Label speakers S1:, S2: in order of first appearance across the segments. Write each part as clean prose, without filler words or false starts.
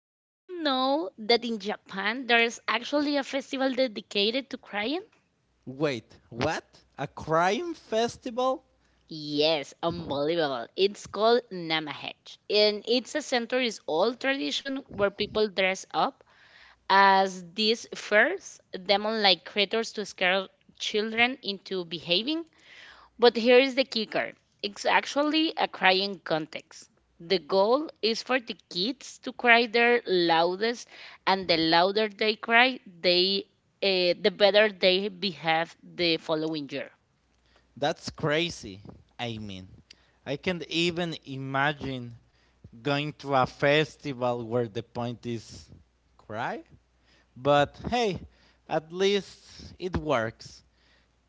S1: Did you know that in Japan there's actually a festival dedicated to crying?
S2: Wait, what? A crime festival?
S1: Yes, unbelievable. It's called Namahech, and it's a centuries old tradition where people dress up as these fierce demon like creatures to scare children into behaving. But here is the kicker, it's actually a crying contest. The goal is for the kids to cry their loudest, and the louder they cry, the better they behave the following year.
S2: That's crazy. I mean, I can't even imagine going to a festival where the point is cry. But hey, at least it works.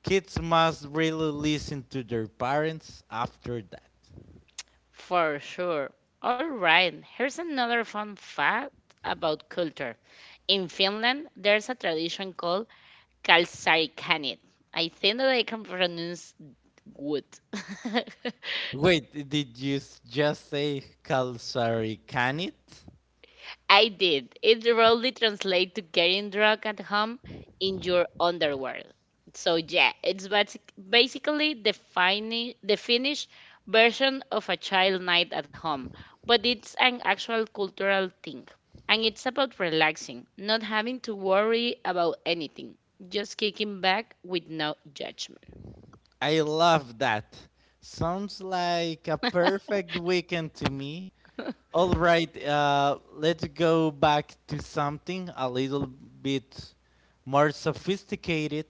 S2: Kids must really listen to their parents after that.
S1: For sure. All right, here's another fun fact about culture. In Finland, there's a tradition called kalsarikanit. I think that I can pronounce good.
S2: Wait, did you just say Calzari can
S1: I did. It roughly translates to getting drunk at home in your underwear. So yeah, basically the finished version of a child night at home, but it's an actual cultural thing, and it's about relaxing, not having to worry about anything, just kicking back with no judgment.
S2: I love that. Sounds like a perfect weekend to me. All right, let's go back to something a little bit more sophisticated.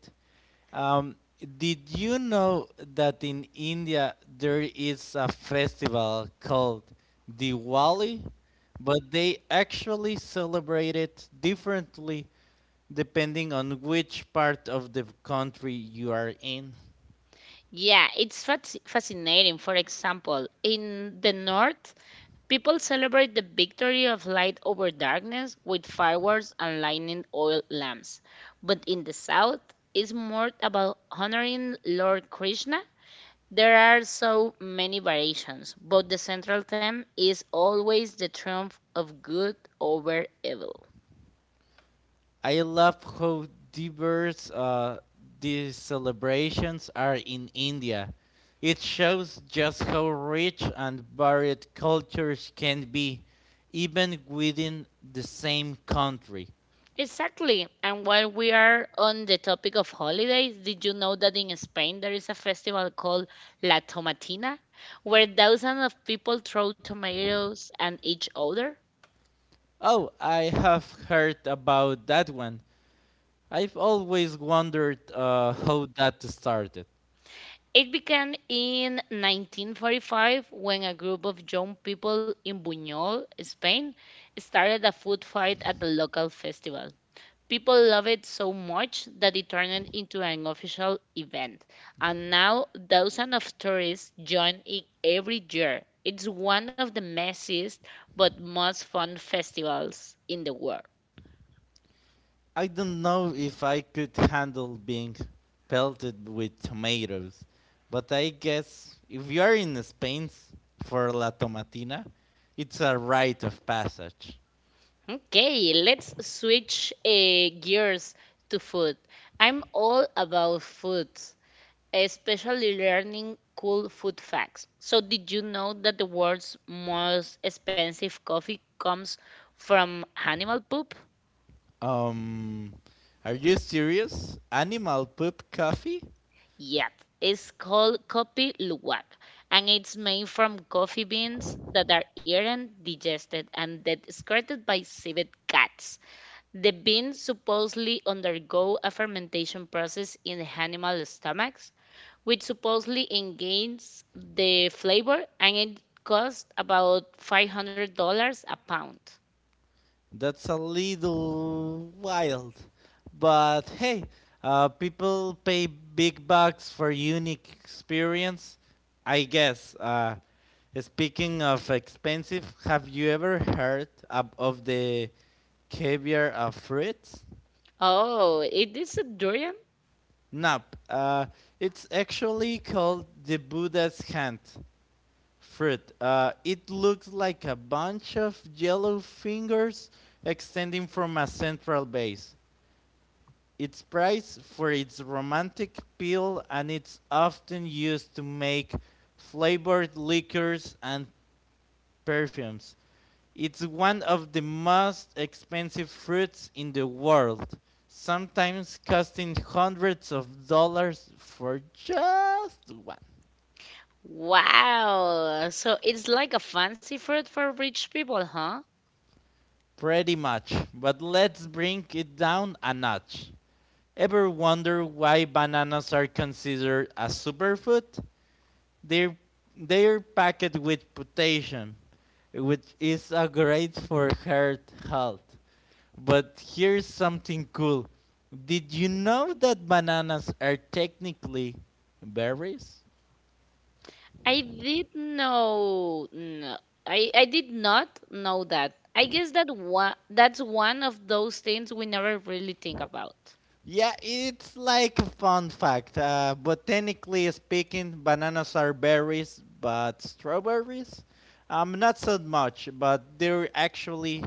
S2: Um, did you know that in India there is a festival called Diwali, but they actually celebrate it differently depending on which part of the country you are in?
S1: Yeah, fascinating. For example, in the north, people celebrate the victory of light over darkness with fireworks and lightning oil lamps. But in the south, it's more about honoring Lord Krishna. There are so many variations, but the central theme is always the triumph of good over evil.
S2: I love how diverse these celebrations are in India. It shows just how rich and varied cultures can be, even within the same country.
S1: Exactly. And while we are on the topic of holidays, did you know that in Spain there is a festival called La Tomatina, where thousands of people throw tomatoes at each other?
S2: Oh, I have heard about that one. I've always wondered how that started.
S1: It began in 1945 when a group of young people in Buñol, Spain, started a food fight at the local festival. People love it so much that it turned into an official event. And now thousands of tourists join it every year. It's one of the messiest but most fun festivals in the world.
S2: I don't know if I could handle being pelted with tomatoes, but I guess if you are in Spain for La Tomatina, it's a rite of passage.
S1: Okay, let's switch gears to food. I'm all about food, especially learning cool food facts. So, did you know that the world's most expensive coffee comes from animal poop?
S2: Um, are you serious? Animal poop coffee?
S1: Yep, it's called kopi luwak, and it's made from coffee beans that are eaten, digested, and then excreted by civet cats. The beans supposedly undergo a fermentation process in the animal stomachs, which supposedly engages the flavor, and it costs about $500 a pound.
S2: That's a little wild, but hey, people pay big bucks for unique experience, I guess. Speaking of expensive, have you ever heard of the caviar of fruits?
S1: Oh, it is a durian?
S2: Nope. It's actually called the Buddha's hand fruit. It looks like a bunch of yellow fingers extending from a central base. It's prized for its romantic peel and it's often used to make flavored liquors and perfumes. It's one of the most expensive fruits in the world, sometimes costing hundreds of dollars for just one.
S1: Wow! So it's like a fancy fruit for rich people, huh?
S2: Pretty much, but let's bring it down a notch. Ever wonder why bananas are considered a superfood? They're they're packed with potassium, which is a great for heart health. But here's something cool. Did you know that bananas are technically berries?
S1: I did know. No, I did not know that. I guess that one of those things we never really think about.
S2: Yeah, it's like a fun fact. Botanically speaking, bananas are berries, but strawberries? Not so much, but they're actually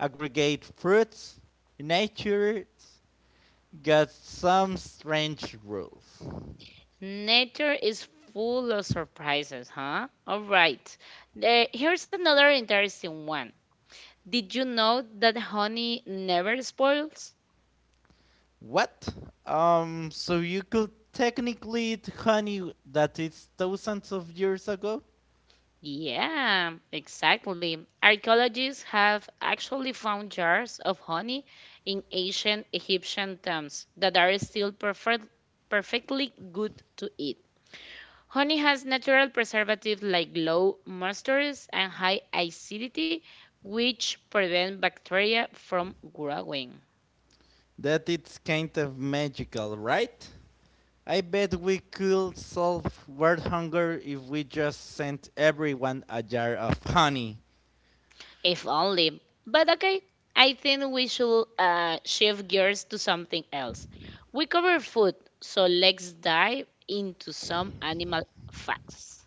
S2: aggregate fruits, natures, got some strange rules.
S1: Nature is full of surprises, huh? All right. Here's another interesting one. Did you know that honey never spoils?
S2: What? So you could technically eat honey that is thousands of years ago?
S1: Yeah, exactly. Archaeologists have actually found jars of honey in ancient Egyptian tombs that are perfectly good to eat. Honey has natural preservatives like low moistures and high acidity, which prevent bacteria from growing.
S2: That it's kind of magical, right? I bet we could solve world hunger if we just sent everyone a jar of honey.
S1: If only. But okay, I think we should shift gears to something else. We cover food, so let's dive into some animal facts.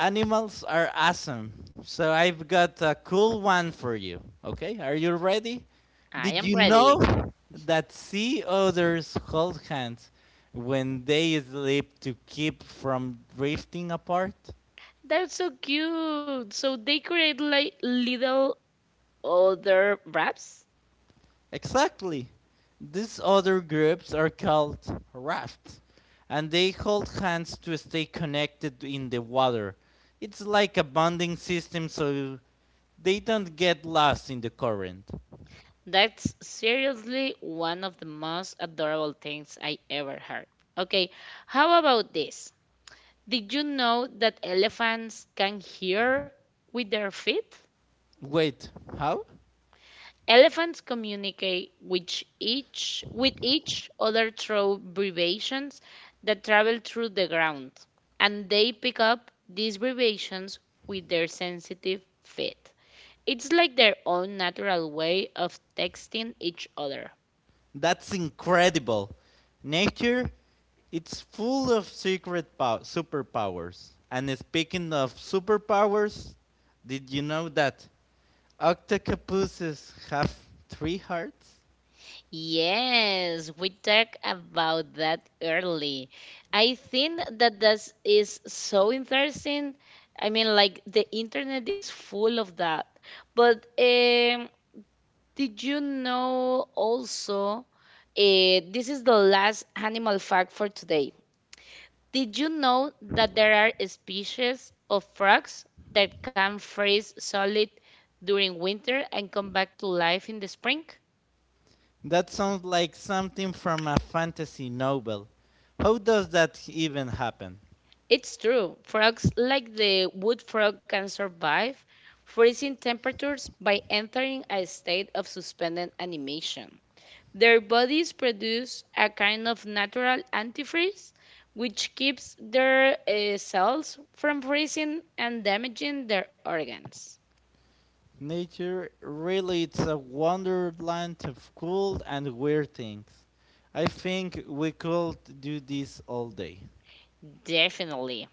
S2: Animals are awesome. So I've got a cool one for you. Okay, are you ready?
S1: I
S2: Did
S1: am
S2: you
S1: ready.
S2: know that sea otters hold hands when they sleep to keep from drifting apart?
S1: That's so cute. So they create like little other wraps.
S2: Exactly. These other groups are called rafts, and they hold hands to stay connected in the water. It's like a bonding system so they don't get lost in the current.
S1: That's seriously one of the most adorable things I ever heard. Okay, how about this? Did you know that elephants can hear with their feet?
S2: Wait, how?
S1: Elephants communicate with each other through vibrations that travel through the ground, and they pick up these vibrations with their sensitive feet. It's like their own natural way of texting each other.
S2: That's incredible. Nature, it's full of secret superpowers. And speaking of superpowers, did you know that octopuses have three hearts?
S1: Yes, we talked about that early. I think that this is so interesting. I mean, like the internet is full of that. But did you know also? This is the last animal fact for today. Did you know that there are species of frogs that can freeze solid during winter and come back to life in the spring?
S2: That sounds like something from a fantasy novel. How does that even happen?
S1: It's true. Frogs like the wood frog can survive freezing temperatures by entering a state of suspended animation. Their bodies produce a kind of natural antifreeze, which keeps their cells from freezing and damaging their organs.
S2: Nature really it's a wonderland of cool and weird things. I think we could do this all day.
S1: Definitely.